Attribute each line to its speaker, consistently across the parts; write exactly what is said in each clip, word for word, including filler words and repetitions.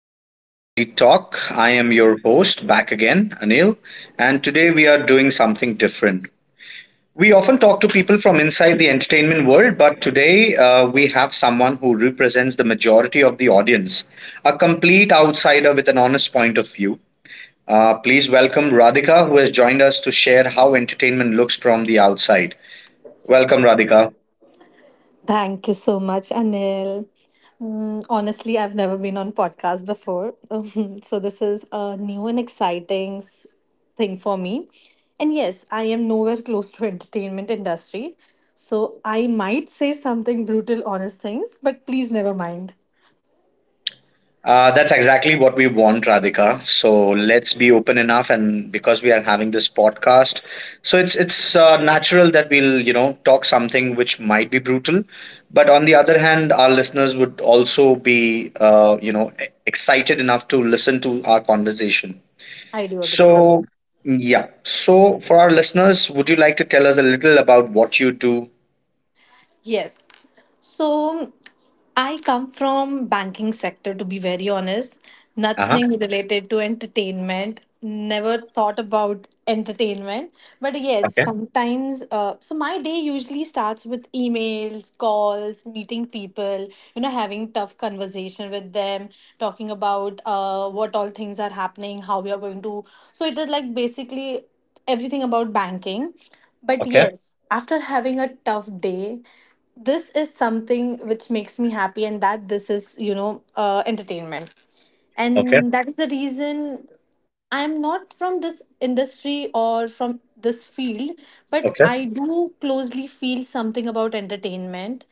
Speaker 1: back to IntelliTalk. I am your host, back again, Anil, and today we are doing something different. We often talk to people from inside the entertainment world, but today uh, we have someone who represents the majority of the audience, a complete outsider with an honest point of view. Uh, please welcome Radhika, who has joined us to share how entertainment looks from the outside. Welcome, Radhika.
Speaker 2: Thank you so much, Anil. Mm, honestly, I've never been on podcast before, so this is a new and exciting s- thing for me. And yes, I am nowhere close to entertainment industry, so I might say something brutal, honest things, but please never mind.
Speaker 1: Uh, that's exactly what we want, Radhika. So let's be open enough, and because we are having this podcast, so it's it's uh, natural that we'll you know talk something which might be brutal, but on the other hand, our listeners would also be uh, you know e- excited enough to listen to our conversation.
Speaker 2: I do agree.
Speaker 1: So yeah, so for our listeners, would you like to tell us a little about what you do?
Speaker 2: Yes. So. I come from banking sector to be very honest.
Speaker 1: Uh huh.
Speaker 2: Nothing related to entertainment. Never thought about entertainment. But yes,
Speaker 1: Okay.
Speaker 2: sometimes uh, so my day usually starts with emails, calls, meeting people, you know, having tough conversation with them, talking about uh, what all things are happening, how we are going to. So it is like basically everything about banking. But
Speaker 1: Okay.
Speaker 2: yes, after having a tough day, this is something which makes me happy, and that this is you know uh, entertainment,
Speaker 1: Okay.
Speaker 2: and that is the reason I am not from this industry or from this field, but
Speaker 1: Okay.
Speaker 2: I do closely feel something about entertainment,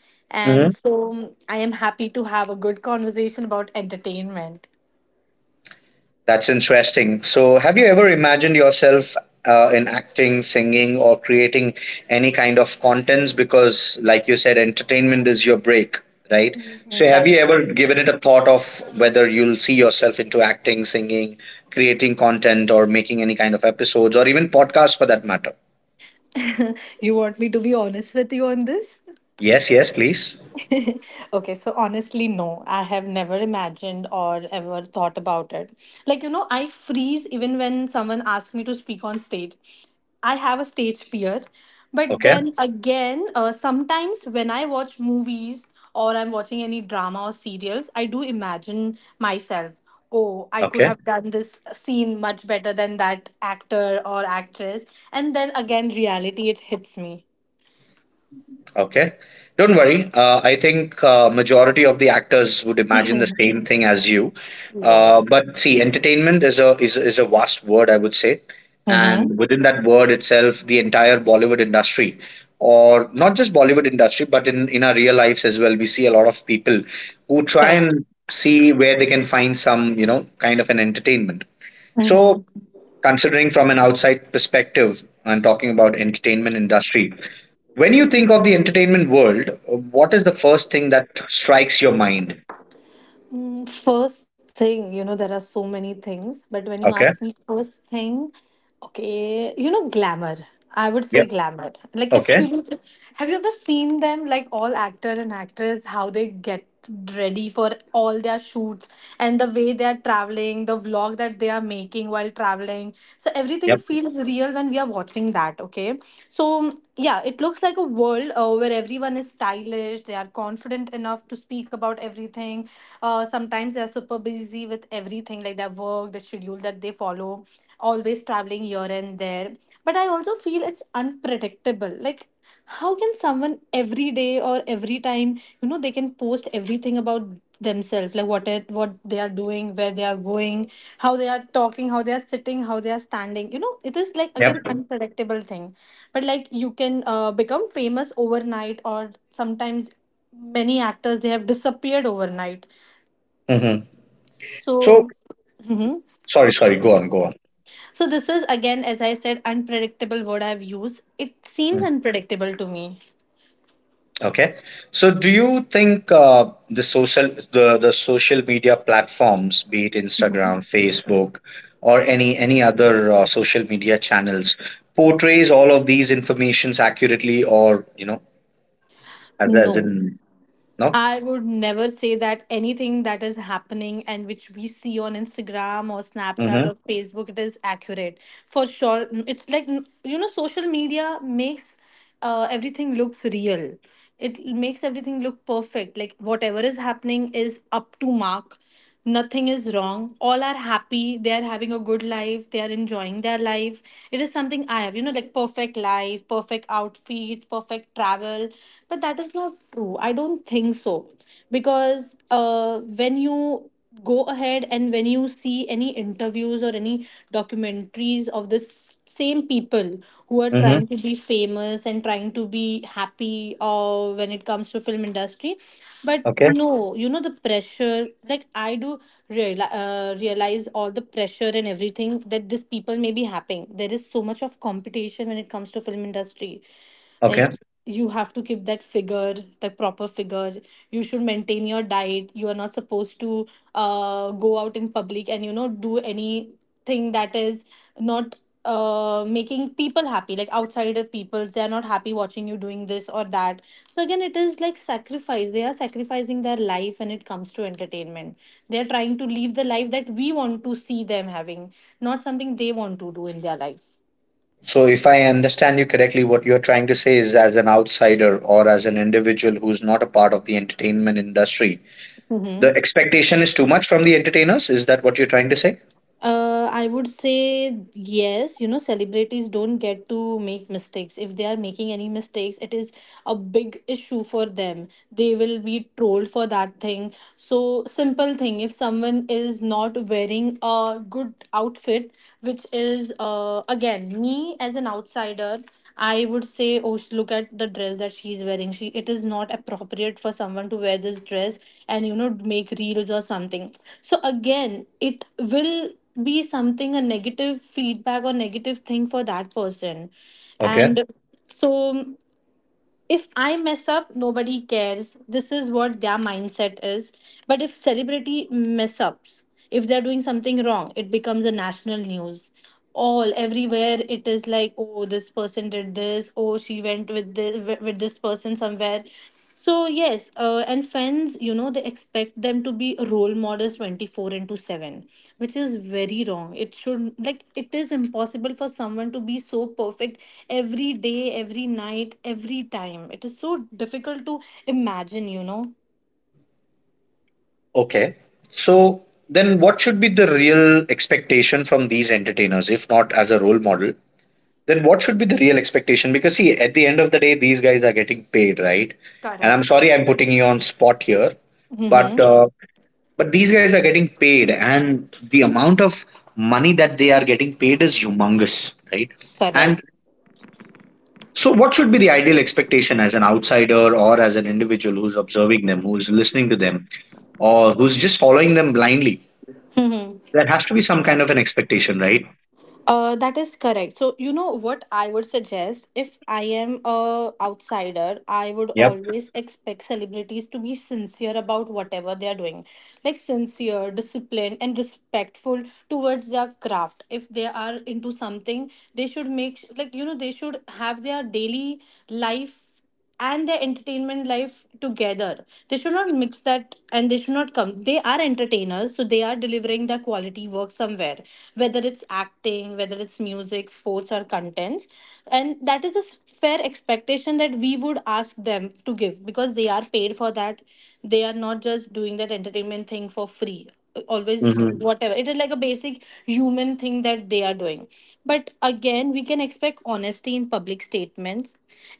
Speaker 2: and so um, I am happy to have a good conversation about entertainment.
Speaker 1: That's interesting. So, have you ever imagined yourself uh, in acting, singing, or creating any kind of contents? Because, like you said, entertainment is your break, right?
Speaker 2: Mhm,
Speaker 1: So, have you
Speaker 2: that's
Speaker 1: ever given it a thought of whether you'll see yourself into acting, singing, creating content, or making any kind of episodes, or even podcasts for that matter?
Speaker 2: you want me to be honest with you on this?
Speaker 1: Yes, yes, please.
Speaker 2: Okay, so honestly, no, I have never imagined or ever thought about it. Like, you know, I freeze even when someone asks me to speak on stage. I have a stage fear. But
Speaker 1: Okay,
Speaker 2: then again, uh, sometimes when I watch movies or I'm watching any drama or serials, I do imagine myself, oh, I could
Speaker 1: okay.
Speaker 2: have done this scene much better than that actor or actress. And then again, reality, it hits me.
Speaker 1: Okay. Don't worry. Uh, I think uh, majority of the actors would imagine the same thing as you. Uh,
Speaker 2: Yes.
Speaker 1: but see, entertainment is a is, is a vast word, I would say.
Speaker 2: Mm-hmm.
Speaker 1: And within that word itself, the entire Bollywood industry, or not just Bollywood industry, but in, in our real lives as well, we see a lot of people who try
Speaker 2: Correct.
Speaker 1: and see where they can find some, you know, kind of an entertainment. So
Speaker 2: Mm-hmm.
Speaker 1: considering from an outside perspective and talking about entertainment industry, when you think of the entertainment world, uh, what is the first thing that strikes your mind?
Speaker 2: Mm, first thing, you know, there are so many things, but when you
Speaker 1: Okay.
Speaker 2: ask me first thing, okay, you know, glamour. I would say
Speaker 1: Yep.
Speaker 2: glamour. Like,
Speaker 1: Okay.
Speaker 2: absolutely. Have you ever seen them, like all actor and actress, how they get ready for all their shoots and the way they are traveling, the vlog that they are making while traveling? Storytelling. So everything
Speaker 1: Yep.
Speaker 2: feels real when we are watching that, okay? So, yeah, it looks like a world uh, where everyone is stylish, they are confident enough to speak about everything. Uh, sometimes they are super busy with everything, like their work, the schedule that they follow, always traveling here and there. But I also feel it's unpredictable. Like, how can someone every day or every time you know they can post everything about themselves, like what it, what they are doing, where they are going, how they are talking, how they are sitting, how they are standing, you know, it is like
Speaker 1: Yep.
Speaker 2: again unpredictable thing, but like you can uh, become famous overnight or sometimes many actors they have disappeared overnight,
Speaker 1: Hmm. So,
Speaker 2: so Mhm.
Speaker 1: sorry, sorry. Go on. Go on.
Speaker 2: So this is again, as I said, unpredictable word I've used, it seems
Speaker 1: Mm.
Speaker 2: unpredictable to me.
Speaker 1: Okay. So, do you think uh, the social the the social media platforms, be it
Speaker 2: Mhm.
Speaker 1: Instagram, Facebook, or any any other uh, social media channels, portrays all of these informations accurately, or you know, as as
Speaker 2: No,
Speaker 1: in no?
Speaker 2: I would never say that anything that is happening and which we see on Instagram or
Speaker 1: Mm-hmm.
Speaker 2: Snapchat or Facebook, it is accurate. For sure, n- it's like, n- you know, social media makes uh, everything looks real. It makes everything look perfect. Like whatever is happening is up to mark, nothing is wrong, all are happy, they are having a good life, they are enjoying their life. It is something I have, you know, like perfect life, perfect outfits, perfect travel. But that is not true, I don't think so. Because uh, when you go ahead and when you see any interviews or any documentaries of this same people who are
Speaker 1: Mm-hmm.
Speaker 2: trying to be famous and trying to be happy, or when it comes to film industry, but
Speaker 1: Okay.
Speaker 2: no, you know, the pressure, like I do reali uh, realize all the pressure and everything that these people may be having. There is so much of competition when it comes to film industry. Like
Speaker 1: Okay.
Speaker 2: you have to keep that figure, the proper figure. You should maintain your diet. You are not supposed to uh, go out in public and you know do anything that is not uh making people happy, like outsider peoples, they are not happy watching you doing this or that. So again it is like sacrifice, they are sacrificing their life when it comes to entertainment. They are trying to live the life that we want to see them having, not something they want to do in their life.
Speaker 1: So, if I understand you correctly, what you're trying to say is as an outsider or as an individual who's not a part of the entertainment industry,
Speaker 2: Mm-hmm.
Speaker 1: the expectation is too much from the entertainers. Is that what you're trying to say?
Speaker 2: Uh, I would say yes. You know, celebrities don't get to make mistakes. If they are making any mistakes, it is a big issue for them. They will be trolled for that thing. So, simple thing, if someone is not wearing a good outfit, which is, uh, again, me as an outsider, I would say, oh, sh- look at the dress that she's wearing. She, it is not appropriate for someone to wear this dress and you know make reels or something. So again, it will be something, a negative feedback or negative thing for that person,
Speaker 1: Okay.
Speaker 2: and so if I mess up nobody cares, this is what their mindset is. But if celebrity mess ups, if they're doing something wrong, it becomes a national news. All everywhere it is like, oh, this person did this, oh, she went with this with this person somewhere. So yes, uh, and fans, you know, they expect them to be role models twenty-four into seven, which is very wrong. It should like, it is impossible for someone to be so perfect every day, every night, every time. It is so difficult to imagine, you know.
Speaker 1: Okay. So, then what should be the real expectation from these entertainers, if not as a role model? Then what should be the real expectation, because see, at the end of the day, these guys are getting paid, right? And I'm
Speaker 2: Correct.
Speaker 1: sorry, I'm putting you on spot here, but
Speaker 2: Mm-hmm.
Speaker 1: uh, but these guys are getting paid, and the amount of money that they are getting paid is humongous, right? And
Speaker 2: Correct.
Speaker 1: so what should be the ideal expectation as an outsider or as an individual who's observing them, who's listening to them, or who's just following them blindly? There has to be some kind of an expectation, right?
Speaker 2: Uh, that is correct. So, you know what I would suggest, if I am a outsider, I would
Speaker 1: Yep.
Speaker 2: always expect celebrities to be sincere about whatever they are doing. Like sincere, disciplined and respectful towards their craft. If they are into something, they should make, like you know, they should have their daily life and their entertainment life together. They should not mix that and they should not come. They are entertainers, so they are delivering their quality work somewhere, whether it's acting, whether it's music, sports, or contents. And that is a s- fair expectation that we would ask them to give because they are paid for that. They are not just doing that entertainment thing for free always,
Speaker 1: Hmm.
Speaker 2: whatever it is, like a basic human thing that they are doing. But again we can expect honesty in public statements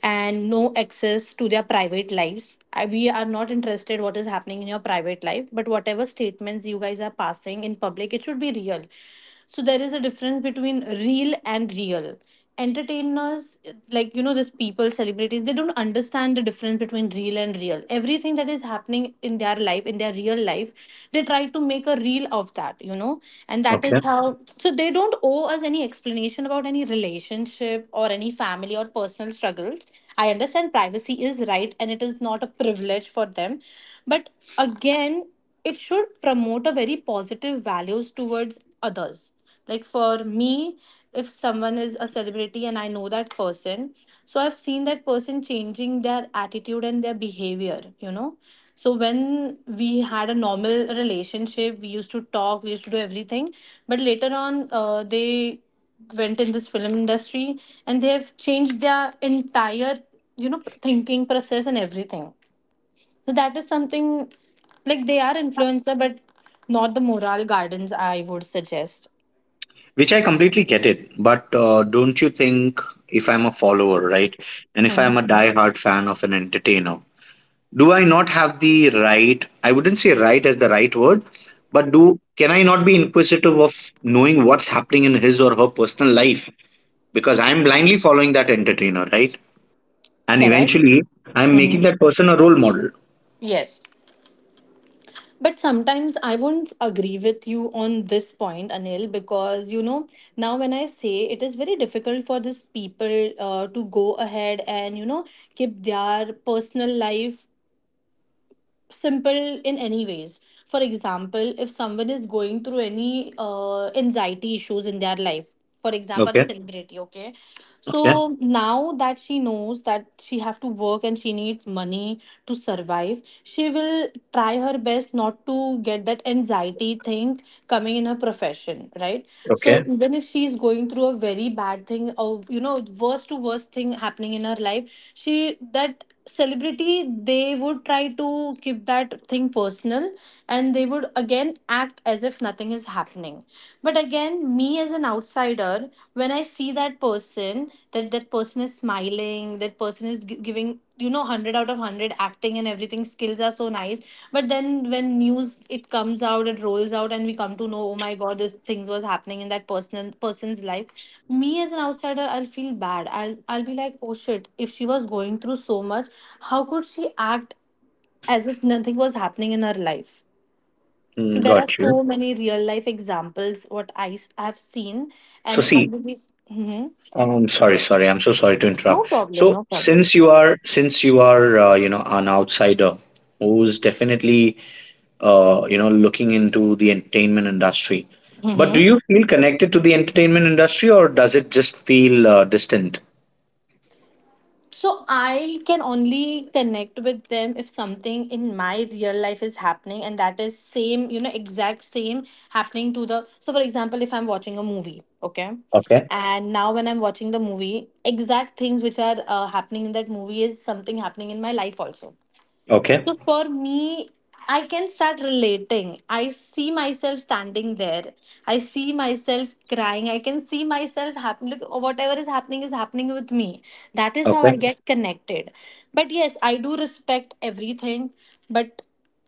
Speaker 2: and no access to their private lives. I- we are not interested what is happening in your private life, but whatever statements you guys are passing in public, it should be real. So there is a difference between real and real entertainers, like you know these people celebrities, they don't understand the difference between real and real. Everything that is happening in their life, in their real life, they try to make a reel of that, you know. And that
Speaker 1: Okay.
Speaker 2: is how, so they don't owe us any explanation about any relationship or any family or personal struggles. I understand privacy is right and it is not a privilege for them. But again, it should promote a very positive values towards others. Like for me, if someone is a celebrity and I know that person, so I've seen that person changing their attitude and their behavior, you know. So when we had a normal relationship we used to talk, we used to do everything, but later on uh, they went in this film industry and they have changed their entire, you know, thinking process and everything. So that is something, like, they are influencer, but not the moral gardens, I would suggest.
Speaker 1: Which I completely get it, but uh, don't you think, if I'm a follower, right, and if
Speaker 2: Hmm.
Speaker 1: I'm a die-hard fan of an entertainer, do I not have the right? I wouldn't say right as the right word, but do can I not be inquisitive of knowing what's happening in his or her personal life, because I'm blindly following that entertainer, right? And
Speaker 2: Correct.
Speaker 1: eventually, I'm
Speaker 2: Hmm.
Speaker 1: making that person a role model.
Speaker 2: Yes. But sometimes I won't agree with you on this point, Anil, because you know, now when I say it is very difficult for these people uh, to go ahead and you know, keep their personal life simple in any ways. For example, if someone is going through any uh, anxiety issues in their life, for example, a
Speaker 1: Okay,
Speaker 2: celebrity, okay?
Speaker 1: okay,
Speaker 2: So now that she knows that she have to work and she needs money to survive, she will try her best not to get that anxiety thing coming in her profession, right? So
Speaker 1: okay.
Speaker 2: even if she's going through a very bad thing or you know, worst to worst thing happening in her life, she, that celebrity, they would try to keep that thing personal, and they would again act as if nothing is happening. But again, me as an outsider, when I see that person, that that person is smiling, that person is gi- giving, you know, one hundred out of one hundred acting and everything skills are so nice. But then when news it comes out, it rolls out, and we come to know, oh my god, this things was happening in that person person's life. Me as an outsider, I'll feel bad, i'll I'll be like, oh shit, if she was going through so much, how could she act as if nothing was happening in her life. So
Speaker 1: Mm,
Speaker 2: there are
Speaker 1: got you.
Speaker 2: so many real life examples what I s- have seen,
Speaker 1: So
Speaker 2: and I
Speaker 1: see.
Speaker 2: believe. Mhm.
Speaker 1: Um, sorry, sorry. I'm so sorry to
Speaker 2: No
Speaker 1: interrupt.
Speaker 2: problem.
Speaker 1: So,
Speaker 2: No problem.
Speaker 1: since you are, since you are, uh, you know, an outsider who's definitely, uh, you know, looking into the entertainment industry, but do
Speaker 2: hmm
Speaker 1: you feel connected to the entertainment industry, or does it just feel uh, distant?
Speaker 2: So I can only connect with them if something in my real life is happening, and that is same, you know, exact same happening to the. So for example, if I'm watching a movie, okay,
Speaker 1: Okay,
Speaker 2: and now when I'm watching the movie, exact things which are uh, happening in that movie is something happening in my life also.
Speaker 1: okay,
Speaker 2: So for me, I can start relating. I see myself standing there. I see myself crying. I can see myself happen. Look, whatever is happening is happening with me. That is how
Speaker 1: okay.
Speaker 2: I get connected. But yes, I do respect everything. But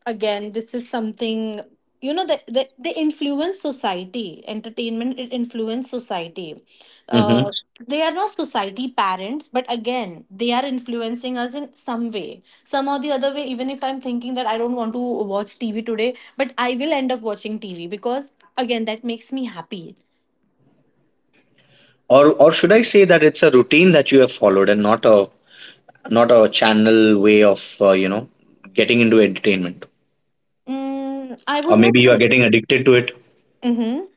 Speaker 2: again, this is something you know that they, they, influence society. Entertainment, it influence society.
Speaker 1: Mm-hmm.
Speaker 2: uh, they are not society parents, but again they are influencing us in some way, some or the other way. Even if I'm thinking that I don't want to watch TV today, but I will end up watching TV because again that makes me happy.
Speaker 1: Or, or should I say that it's a routine that you have followed and not a, not a channel way of, uh, you know, getting into entertainment,
Speaker 2: mm, I
Speaker 1: or
Speaker 2: would
Speaker 1: maybe
Speaker 2: not
Speaker 1: you are
Speaker 2: say.
Speaker 1: getting addicted to it.
Speaker 2: Mm-hmm.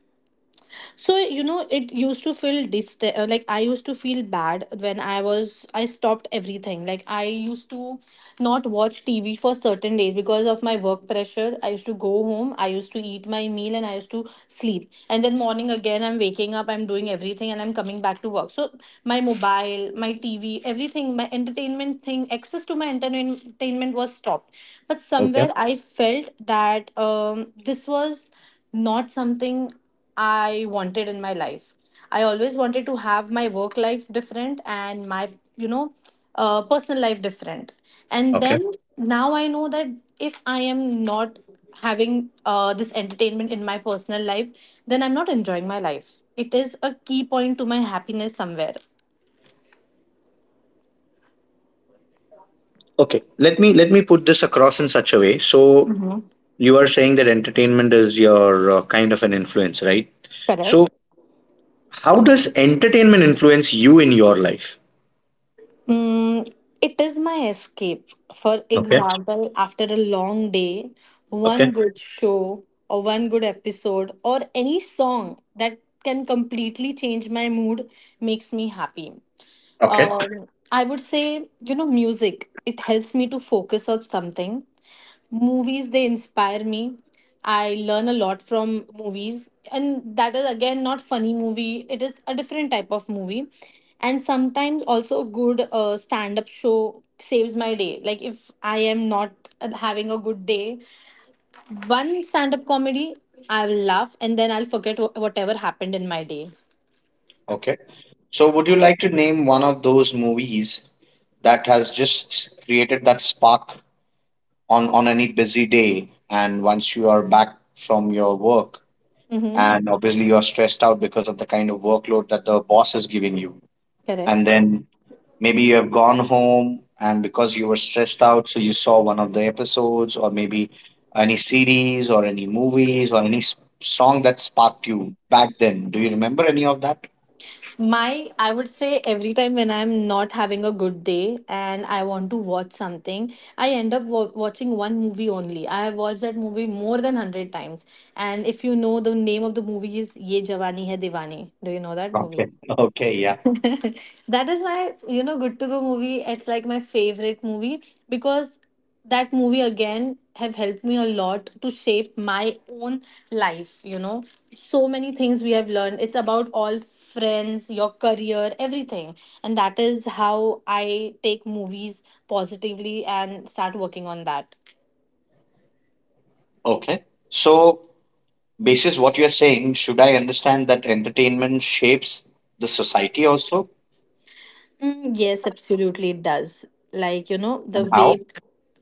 Speaker 2: So you know, it used to feel dist- uh, like I used to feel bad when i was I stopped everything. Like I used to not watch TV for certain days because of my work pressure. I used to go home, I used to eat my meal, and I used to sleep, and then morning again I'm waking up, I'm doing everything and I'm coming back to work. So my mobile, my TV, everything, my entertainment thing, access to my entertainment was stopped. But
Speaker 1: Okay,
Speaker 2: somewhere I felt that um, this was not something I wanted in my life. I always wanted to have my work life different and my, you know, uh, personal life different. And
Speaker 1: okay.
Speaker 2: then now I know that if I am not having uh, this entertainment in my personal life, then I'm not enjoying my life. It is a key point to my happiness somewhere.
Speaker 1: Okay, let me let me put this across in such a way. So you are saying that entertainment is your uh, kind of an influence, right? So
Speaker 2: Correct.
Speaker 1: how does entertainment influence you in your life?
Speaker 2: Mm, it is my escape. For
Speaker 1: Okay.
Speaker 2: example, after a long day, one
Speaker 1: Okay.
Speaker 2: good show or one good episode or any song that can completely change my mood, makes me happy.
Speaker 1: Okay,
Speaker 2: Um, I would say, you know, music. It helps me to focus on something. Movies, they inspire me. I learn a lot from movies. And that is, again, not funny movie. It is a different type of movie. And sometimes also a good uh, stand-up show saves my day. Like if I am not uh, having a good day, one stand-up comedy, I will laugh and then I'll forget wh- whatever happened in my day.
Speaker 1: okay, so would you like to name one of those movies that has just created that spark on on any busy day, and once you are back from your work,
Speaker 2: Mm-hmm.
Speaker 1: and obviously you are stressed out because of the kind of workload that the boss is giving you,
Speaker 2: Correct.
Speaker 1: and then maybe you have gone home, and because you were stressed out, so you saw one of the episodes, or maybe any series or any movies or any s- song that sparked you back then? Do you remember any of that?
Speaker 2: My, I would say every time when I'm not having a good day and I want to watch something, I end up wa watching one movie only. I have watched that movie more than a hundred times. And if you know, the name of the movie is Ye Jawani Hai Diwani. Do you know that movie?
Speaker 1: Okay. Okay, yeah.
Speaker 2: That is why, you know, good to go movie, it's like my favorite movie because that movie again have helped me a lot to shape my own life, you know. So many things we have learned. It's about all friends, your career, everything. And that is how I take movies positively and start working on that.
Speaker 1: Okay, so basis what you are saying, should I understand that entertainment shapes the society also?
Speaker 2: Mm, yes, absolutely, it does. Like, you know, the
Speaker 1: And how?
Speaker 2: way,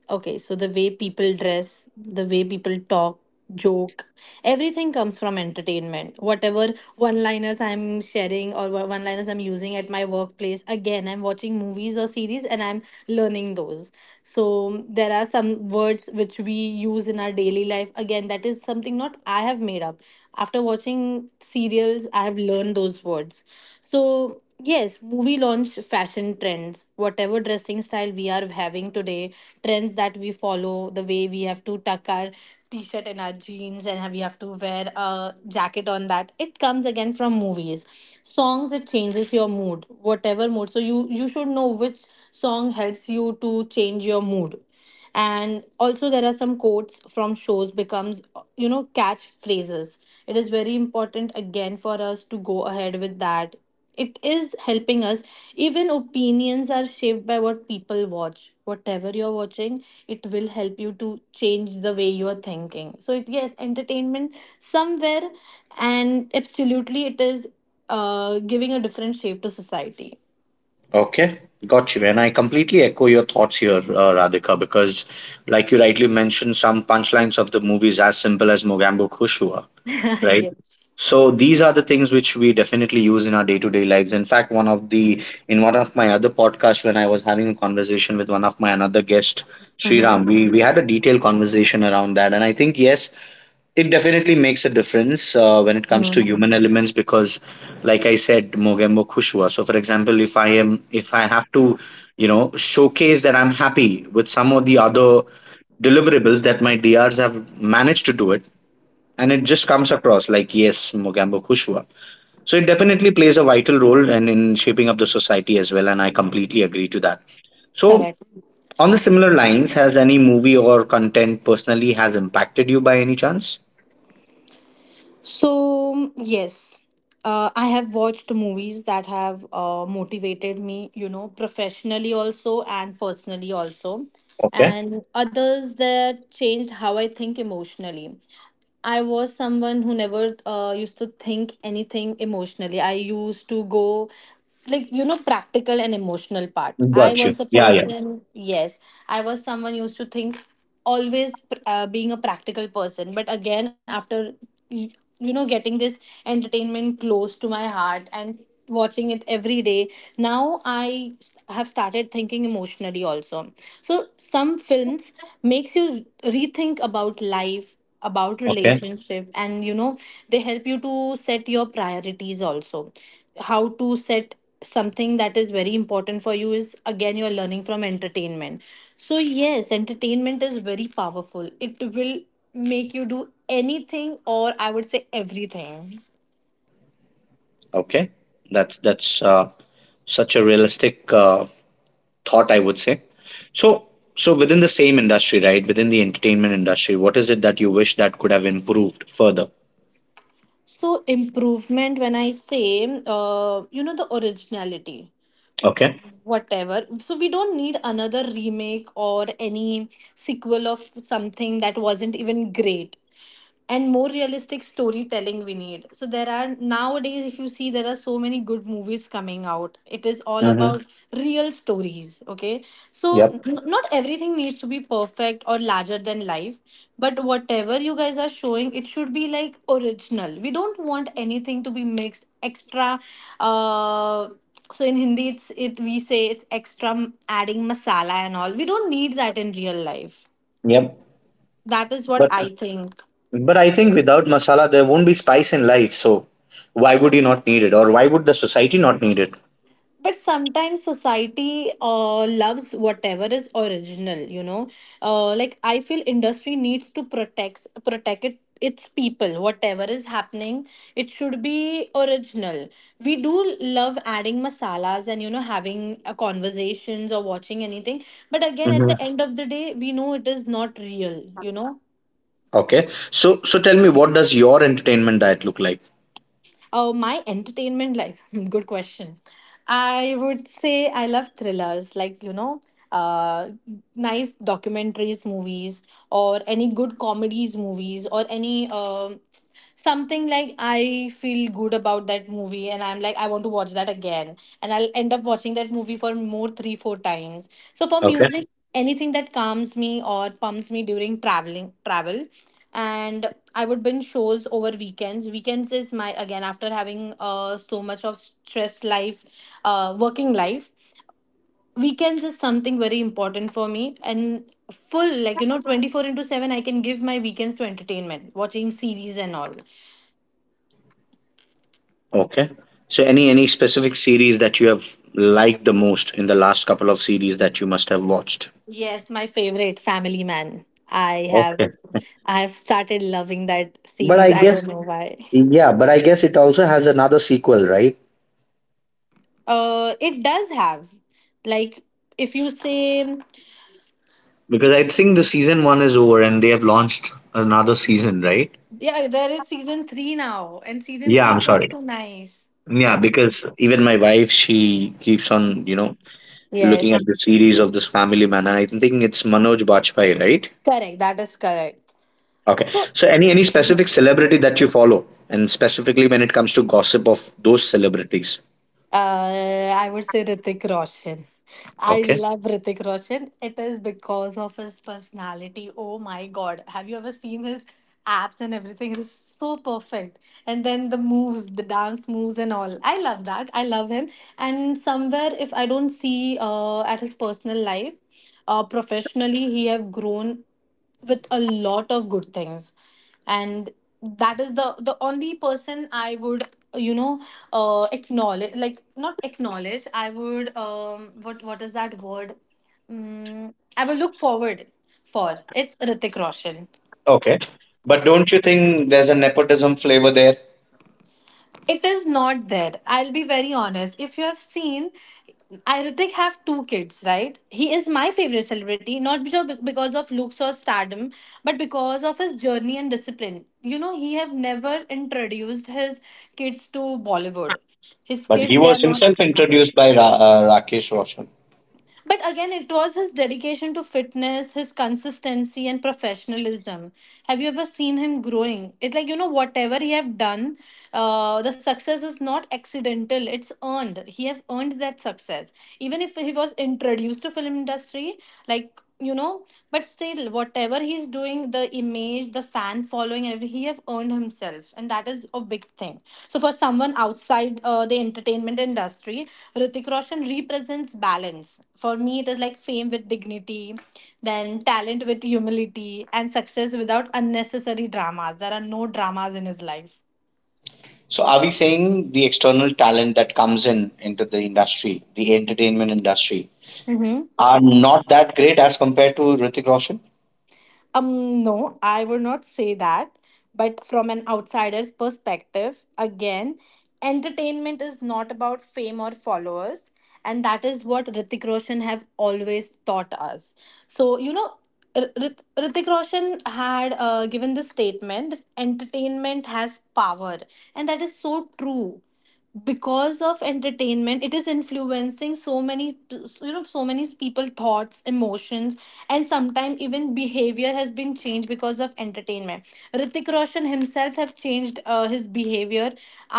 Speaker 2: okay, so the way people dress, the way people talk, joke, everything comes from entertainment. Whatever one liners I'm sharing or one liners I'm using at my workplace, again, I'm watching movies or series and I'm learning those. So there are some words which we use in our daily life. Again, that is something not I have made up. After watching serials, I have learned those words. So yes, movie launch fashion trends. Whatever dressing style we are having today, trends that we follow, the way we have to tuck our t shirt and our jeans and we have to wear a jacket on that, it comes again from movies. Songs, it changes your mood, whatever mood. So you, you should know which song helps you to change your mood. And also there are some quotes from shows becomes, you know, catchphrases. It is very important again for us to go ahead with that. It is helping us. Even opinions are shaped by what people watch. Whatever you're watching, it will help you to change the way you are thinking. So it, yes, entertainment somewhere and absolutely it is uh, giving a different shape to society.
Speaker 1: Okay, got you. And I completely echo your thoughts here, uh, Radhika, because, like you rightly mentioned, some punchlines of the movie is as simple as Mogambo Kushua. Right?
Speaker 2: Yes.
Speaker 1: So these are the things which we definitely use in our day-to-day lives. In fact, one of the in one of my other podcasts, when I was having a conversation with one of my another guest,
Speaker 2: Mhm.
Speaker 1: Sriram, we we had a detailed conversation around that, and I think yes, it definitely makes a difference uh, when it comes to
Speaker 2: Mhm.
Speaker 1: human elements, because like I said, Mogembo Khushua. So for example, if i am if I have to, you know showcase that I'm happy with some of the other deliverables that my DRs have managed to do it, and it just comes across like, yes, Mogambo Kushwa. So it definitely plays a vital role and in shaping up the society as well, and I completely agree to that. So
Speaker 2: Correct.
Speaker 1: on the similar lines, has any movie or content personally has impacted you by any chance?
Speaker 2: So, yes, uh, I have watched movies that have uh, motivated me, you know, professionally also and personally also,
Speaker 1: Okay,
Speaker 2: and others that changed how I think emotionally. I was someone who never uh, used to think anything emotionally. I used to go like, you know, practical and emotional part. I
Speaker 1: got you,
Speaker 2: was a
Speaker 1: yeah, yeah.
Speaker 2: person, yes, I was someone used to think always uh, being a practical person. But again, after y- you know, getting this entertainment close to my heart and watching it every day, now I have started thinking emotionally also. So some films makes you rethink about life, about
Speaker 1: Okay,
Speaker 2: relationship, and you know, they help you to set your priorities also. How to set something that is very important for you is again you're learning from entertainment. So yes, entertainment is very powerful. It will make you do anything, or I would say everything.
Speaker 1: okay, that's that's uh, such a realistic uh, thought, I would say. So so within the same industry, right, within the entertainment industry, what is it that you wish that could have improved further?
Speaker 2: So improvement, when I say, uh, you know, the originality,
Speaker 1: Okay.
Speaker 2: whatever. So we don't need another remake or any sequel of something that wasn't even great. And more realistic storytelling we need. So there are nowadays, if you see, there are so many good movies coming out. It is all
Speaker 1: Mm-hmm.
Speaker 2: about real stories, okay. So n- not everything needs to be perfect or larger than life, but whatever you guys are showing, it should be like original. We don't want anything to be mixed extra. Uh, so in Hindi it's, it we say it's extra m- adding masala and all. We don't need that in real life.
Speaker 1: Yep.
Speaker 2: That is what
Speaker 1: But
Speaker 2: I think.
Speaker 1: but I think without masala there won't be spice in life. So why would you not need it, or why would the society not need it?
Speaker 2: But sometimes society uh, loves whatever is original, you know. Uh, like I feel industry needs to protect protect it, its people. Whatever is happening, it should be original. We do love adding masalas and, you know, having uh, conversations or watching anything. But again, at
Speaker 1: Hmm.
Speaker 2: the end of the day, we know it is not real, you know.
Speaker 1: Okay. So so tell me, what does your entertainment diet look like?
Speaker 2: Oh, my entertainment like good question. I would say I love thrillers, like you know, uh, nice documentaries, movies, or any good comedies, movies, or any um something like I feel good about that movie, and I'm like I want to watch that again, and I'll end up watching that movie for more three four times. So for
Speaker 1: Okay.
Speaker 2: music, anything that calms me or pumps me during traveling travel, and I would binge shows over weekends. Weekends is my, again, after having uh, so much of stress life, uh, working life. Weekends is something very important for me, and full, like you know, twenty-four into seven I can give my weekends to entertainment, watching series and all.
Speaker 1: Okay. So any any specific series that you have liked the most in the last couple of series that you must have watched?
Speaker 2: Yes, my favorite Family Man. I have.
Speaker 1: Okay.
Speaker 2: Yes. I have started loving that
Speaker 1: But
Speaker 2: series.
Speaker 1: I
Speaker 2: I
Speaker 1: guess
Speaker 2: don't know why.
Speaker 1: Yeah, but I guess it also has another sequel, right?
Speaker 2: Uh, it does have, like, if you say.
Speaker 1: Because I think the season one is over and they have launched another season, right?
Speaker 2: Yeah, there is season three now, and season
Speaker 1: Yeah,
Speaker 2: three
Speaker 1: I'm
Speaker 2: is
Speaker 1: sorry.
Speaker 2: also nice.
Speaker 1: Yeah, because even my wife, she keeps on, you know, looking at
Speaker 2: Yes,
Speaker 1: the series of this family man, and I'm thinking it's Manoj Bajpayee, right?
Speaker 2: correct. That is correct.
Speaker 1: Okay.
Speaker 2: So,
Speaker 1: So any any specific celebrity that you follow, and specifically when it comes to gossip of those celebrities.
Speaker 2: uh, I would say Ritik Roshan. I
Speaker 1: Okay.
Speaker 2: love Ritik Roshan. It is because of his personality. Oh my God. Have you ever seen his abs and everything? It is so perfect. And then the moves, the dance moves and all. I love that. I love him. And somewhere, if I don't see uh, at his personal life, uh, professionally, he have grown with a lot of good things, and that is the the only person I would, you know, uh acknowledge. Like, not acknowledge, I would um what what is that word. Mm, I will look forward for, it's Ritik Roshan.
Speaker 1: Okay. But don't you think there's a nepotism flavor there?
Speaker 2: It is not there. I'll be very honest. If you have seen, I Hrithik have two kids, right? He is my favorite celebrity, not because because of looks or stardom, but because of his journey and discipline. You know, he have never introduced his kids to Bollywood. His
Speaker 1: But he
Speaker 2: kids, they
Speaker 1: was
Speaker 2: are
Speaker 1: himself
Speaker 2: not.
Speaker 1: introduced by Ra- uh, Rakesh Roshan.
Speaker 2: But again, it was his dedication to fitness, his consistency, and professionalism. Have you ever seen him growing? It, like, you know, whatever he have done, uh, the success is not accidental. It's earned. He have earned that success. Even if he was introduced to film industry, like you know, but still whatever he's doing, the image, the fan following and everything, he have earned himself, and that is a big thing. So for someone outside uh, the entertainment industry, Ritik Roshan represents balance. For me, it is like fame with dignity, then talent with humility, and success without unnecessary dramas. There are no dramas in his life.
Speaker 1: So are we saying the external talent that comes in into the industry, the entertainment industry,
Speaker 2: Mm-hmm.
Speaker 1: are not that great as compared to Ritik Roshan?
Speaker 2: Um, no, I would not say that. But from an outsider's perspective, again, entertainment is not about fame or followers. And that is what Ritik Roshan have always taught us. So, you know, R- Rit- Hrithik Roshan had uh, given this statement that entertainment has power. And that is so true because of entertainment it is influencing so many, you know so many people thoughts, emotions, and sometimes even behavior has been changed because of entertainment. Ritik Roshan himself have changed uh, his behavior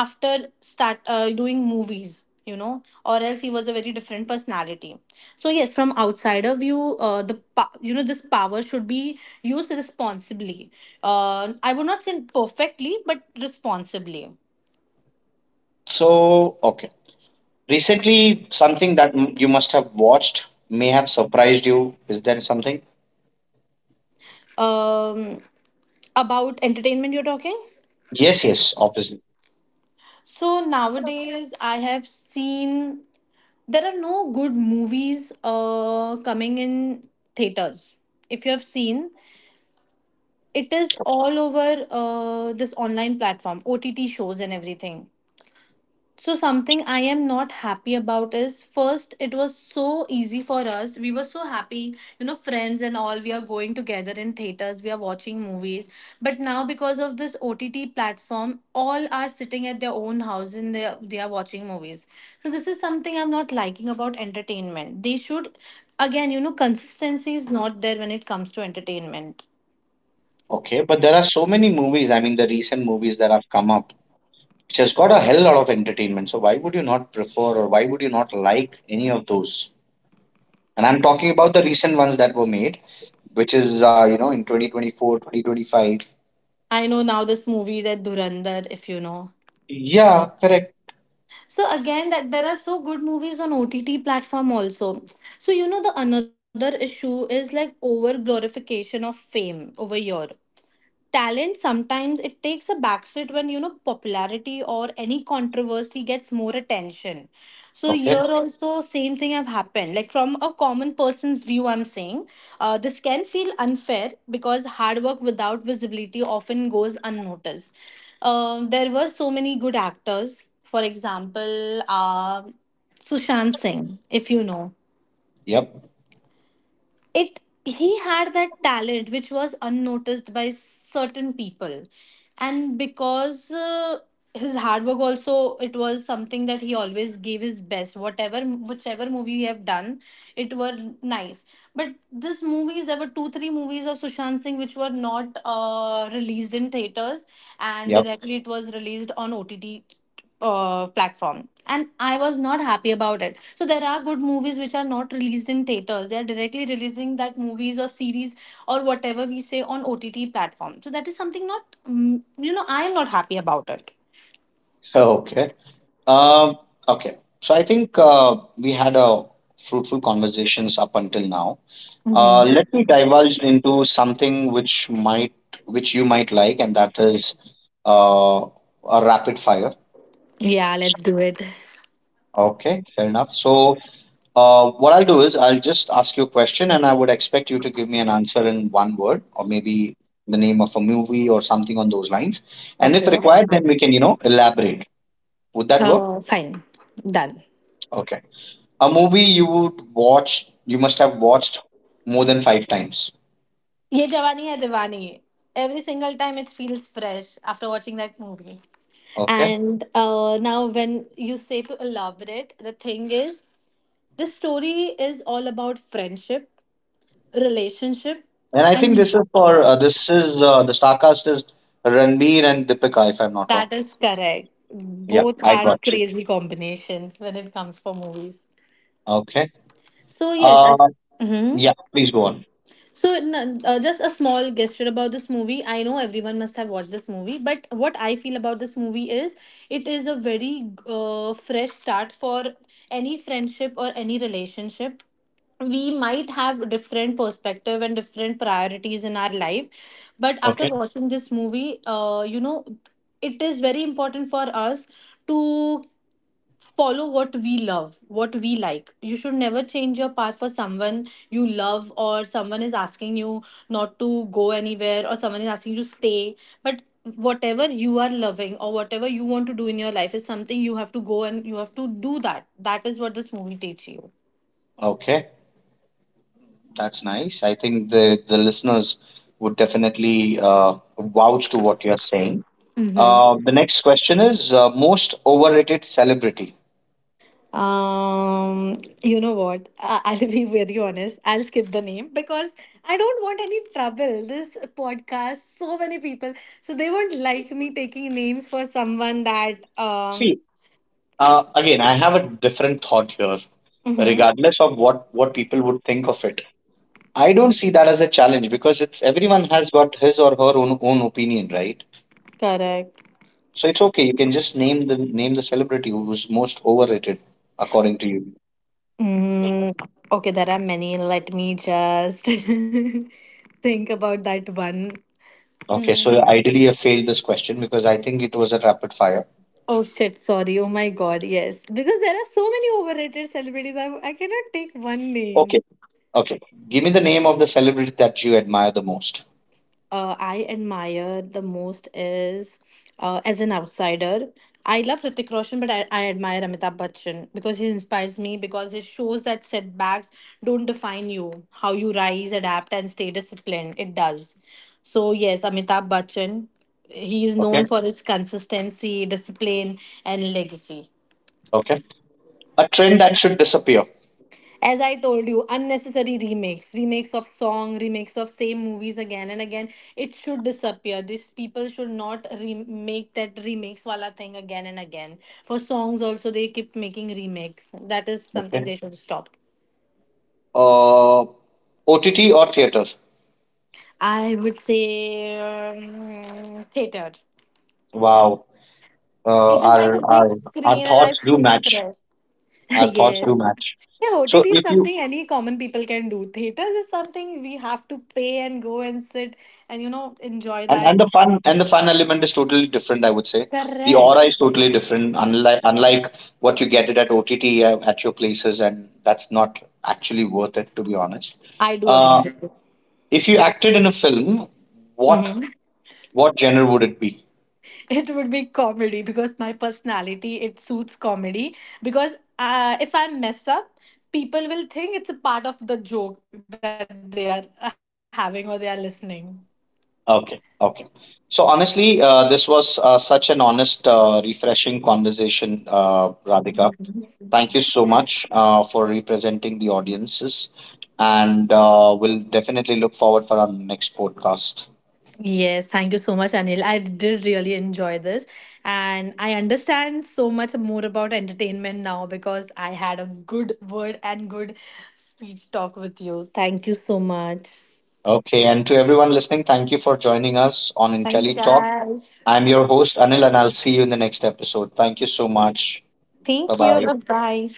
Speaker 2: after start uh, doing movies, you know or else he was a very different personality. So yes, from outsider view, uh, the pa- you know this power should be used responsibly. uh, I would not say perfectly, but responsibly.
Speaker 1: So, okay. Recently, something that m- you must have watched may have surprised you. Is there something?
Speaker 2: um, about entertainment you're talking?
Speaker 1: Yes, yes, obviously.
Speaker 2: So nowadays I have seen there are no good movies uh, coming in theaters, if you have seen. It is all over uh, this online platform, OTT shows and everything. So, something I am not happy about is first, it was so easy for us. We were so happy, you know, friends and all. We are going together in theaters, we are watching movies. But now, because of this O T T platform, all are sitting at their own house and they are, they are watching movies. So, this is something I'm not liking about entertainment. They should, again, you know, consistency is not there when it comes to entertainment.
Speaker 1: Okay, but there are so many movies. I mean, the recent movies that have come up, which has got a hell lot of entertainment. So, why would you not prefer, or why would you not like any of those? And I'm talking about the recent ones that were made, which is, uh, you know, in twenty twenty four, twenty twenty five.
Speaker 2: I know now this movie that Durandar, if you know.
Speaker 1: Yeah, correct.
Speaker 2: So again, that there are so good movies on OTT platform also. So, you know the another issue is like over glorification of fame over here. Talent sometimes it takes a backseat when, you know popularity or any controversy gets more attention. So
Speaker 1: Okay.
Speaker 2: here also same thing have happened. Like from a common person's view I'm saying, uh, this can feel unfair because hard work without visibility often goes unnoticed. Um, there were so many good actors, for example, uh, Sushant Singh, if you know.
Speaker 1: Yep.
Speaker 2: It, he had that talent which was unnoticed by certain people. And because, uh, his hard work also, it was something that he always gave his best, whatever, whichever movie he have done, it were nice. But this movies, there were two three movies of Sushant Singh which were not uh, released in theaters, and
Speaker 1: Yep.
Speaker 2: directly it was released on OTT uh, platform, and I was not happy about it. So there are good movies which are not released in theaters, they are directly releasing that movies or series or whatever we say on OTT platform. So that is something, not mm, you know I am not happy about it.
Speaker 1: Okay. Um, okay. So I think uh, we had a fruitful conversations up until now. Uh,
Speaker 2: Hmm.
Speaker 1: let me divulge into something which might, which you might like, and that is uh, a rapid fire.
Speaker 2: Yeah, let's do it.
Speaker 1: Okay, fair enough. So uh, what I'll do is I'll just ask you a question, and I would expect you to give me an answer in one word, or maybe the name of a movie or something on those lines. And if
Speaker 2: Okay.
Speaker 1: required, then we can, you know, elaborate. Would that work?
Speaker 2: Uh, fine. Done.
Speaker 1: Okay, a movie you would watch you must have watched more than five times.
Speaker 2: Ye Jawani Hai Diwani. Every single time it feels fresh after watching that movie.
Speaker 1: Okay,
Speaker 2: And uh, now when you say to elaborate, the thing is, this story is all about friendship, relationship,
Speaker 1: and I think
Speaker 2: and
Speaker 1: this is for uh, this is uh, the starcast is Ranbir and Deepika, if I'm not wrong.
Speaker 2: that is correct.
Speaker 1: Yeah,
Speaker 2: Both
Speaker 1: I
Speaker 2: are
Speaker 1: got you.
Speaker 2: crazy combination when it comes for movies.
Speaker 1: Okay.
Speaker 2: So yes, I.
Speaker 1: uh
Speaker 2: Hmm.
Speaker 1: yeah, please go on.
Speaker 2: So n- uh, just a small gesture about this movie. I know everyone must have watched this movie, but what I feel about this movie is it is a very uh, fresh start for any friendship or any relationship. We might have different perspective and different priorities in our life, but after
Speaker 1: Okay,
Speaker 2: watching this movie, uh, you know it is very important for us to follow what we love, what we like. You should never change your path for someone you love, or someone is asking you not to go anywhere, or someone is asking you to stay. But whatever you are loving or whatever you want to do in your life is something you have to go and you have to do that. That is what this movie teaches
Speaker 1: okay, that's nice. I think the the listeners would definitely uh, vouch to what you're saying.
Speaker 2: you.
Speaker 1: Uh, the next question is uh, most overrated celebrity.
Speaker 2: Um, you know what? I- I'll be very honest. I'll skip the name because I don't want any trouble. This podcast, so many people, so they won't like me taking names for someone that. Um,
Speaker 1: See. Uh, again, I have a different thought here.
Speaker 2: mm-hmm,
Speaker 1: Regardless of what what people would think of it, I don't see that as a challenge because it's everyone has got his or her own own opinion, right?
Speaker 2: correct.
Speaker 1: So it's okay. You can just name the name the celebrity who's most overrated according to you.
Speaker 2: Mm, okay, there are many. Let me just think about that one.
Speaker 1: Okay,
Speaker 2: Mm.
Speaker 1: so ideally I failed this question because I think it was a rapid fire.
Speaker 2: Oh shit, sorry. Oh my god, yes. Because there are so many overrated celebrities, I, I cannot take one
Speaker 1: Okay,
Speaker 2: name.
Speaker 1: okay. Give me the name of the celebrity that you admire the most.
Speaker 2: uh, I admire the most is uh, as an outsider. I love Hrithik Roshan, but I, I admire Amitabh Bachchan because he inspires me, because it shows that setbacks don't define you. How you rise, adapt, and stay disciplined, it does. So, yes, Amitabh Bachchan, he is
Speaker 1: Okay,
Speaker 2: known for his consistency, discipline, and legacy.
Speaker 1: okay. A trend that should disappear.
Speaker 2: As I told you, unnecessary remakes, remakes of song, remakes of same movies again and again, it should disappear. These people should not remake that remakes wala thing again and again. For songs also they keep making remakes. That is something
Speaker 1: Okay.
Speaker 2: they should stop.
Speaker 1: Uh, O T T or theaters?
Speaker 2: I would say, um, theater.
Speaker 1: Wow. uh,
Speaker 2: It is like a
Speaker 1: our
Speaker 2: big
Speaker 1: our our
Speaker 2: screen and I
Speaker 1: thoughts do
Speaker 2: feel
Speaker 1: match.
Speaker 2: fresh.
Speaker 1: Our thoughts do
Speaker 2: Yes.
Speaker 1: match.
Speaker 2: Yeah,
Speaker 1: So
Speaker 2: O T T is
Speaker 1: if you
Speaker 2: something any common people can do. Theaters is something we have to pay and go and sit and you know enjoy
Speaker 1: and,
Speaker 2: that.
Speaker 1: and the fun and the fun element is totally different, I would say. The
Speaker 2: Correct.
Speaker 1: aura is totally different, unlike unlike what you get it at O T T uh, at your places, and that's not actually worth it, to be honest.
Speaker 2: I do
Speaker 1: Uh,
Speaker 2: agree with you.
Speaker 1: if you acted in a film, what
Speaker 2: Mhm.
Speaker 1: what genre would it be?
Speaker 2: It would be comedy because my personality it suits comedy. Because uh, if I mess up, people will think it's a part of the joke that they are having or they are listening.
Speaker 1: Okay, okay. So honestly, uh, this was uh, such an honest, uh, refreshing conversation, uh, Radhika. Thank you so much uh, for representing the audiences. And uh, we'll definitely look forward for our next podcast.
Speaker 2: Yes, thank you so much, Anil. I did really enjoy this, and I understand so much more about entertainment now because I had a good word and good speech talk with you. Thank you so much.
Speaker 1: Okay. And to everyone listening, thank you for joining us on
Speaker 2: Thank you,
Speaker 1: IntelliTalk.
Speaker 2: guys.
Speaker 1: I'm your host, Anil, and I'll see you in the next episode. Thank you so much. Bye
Speaker 2: Thank you.
Speaker 1: bye.
Speaker 2: Bye bye.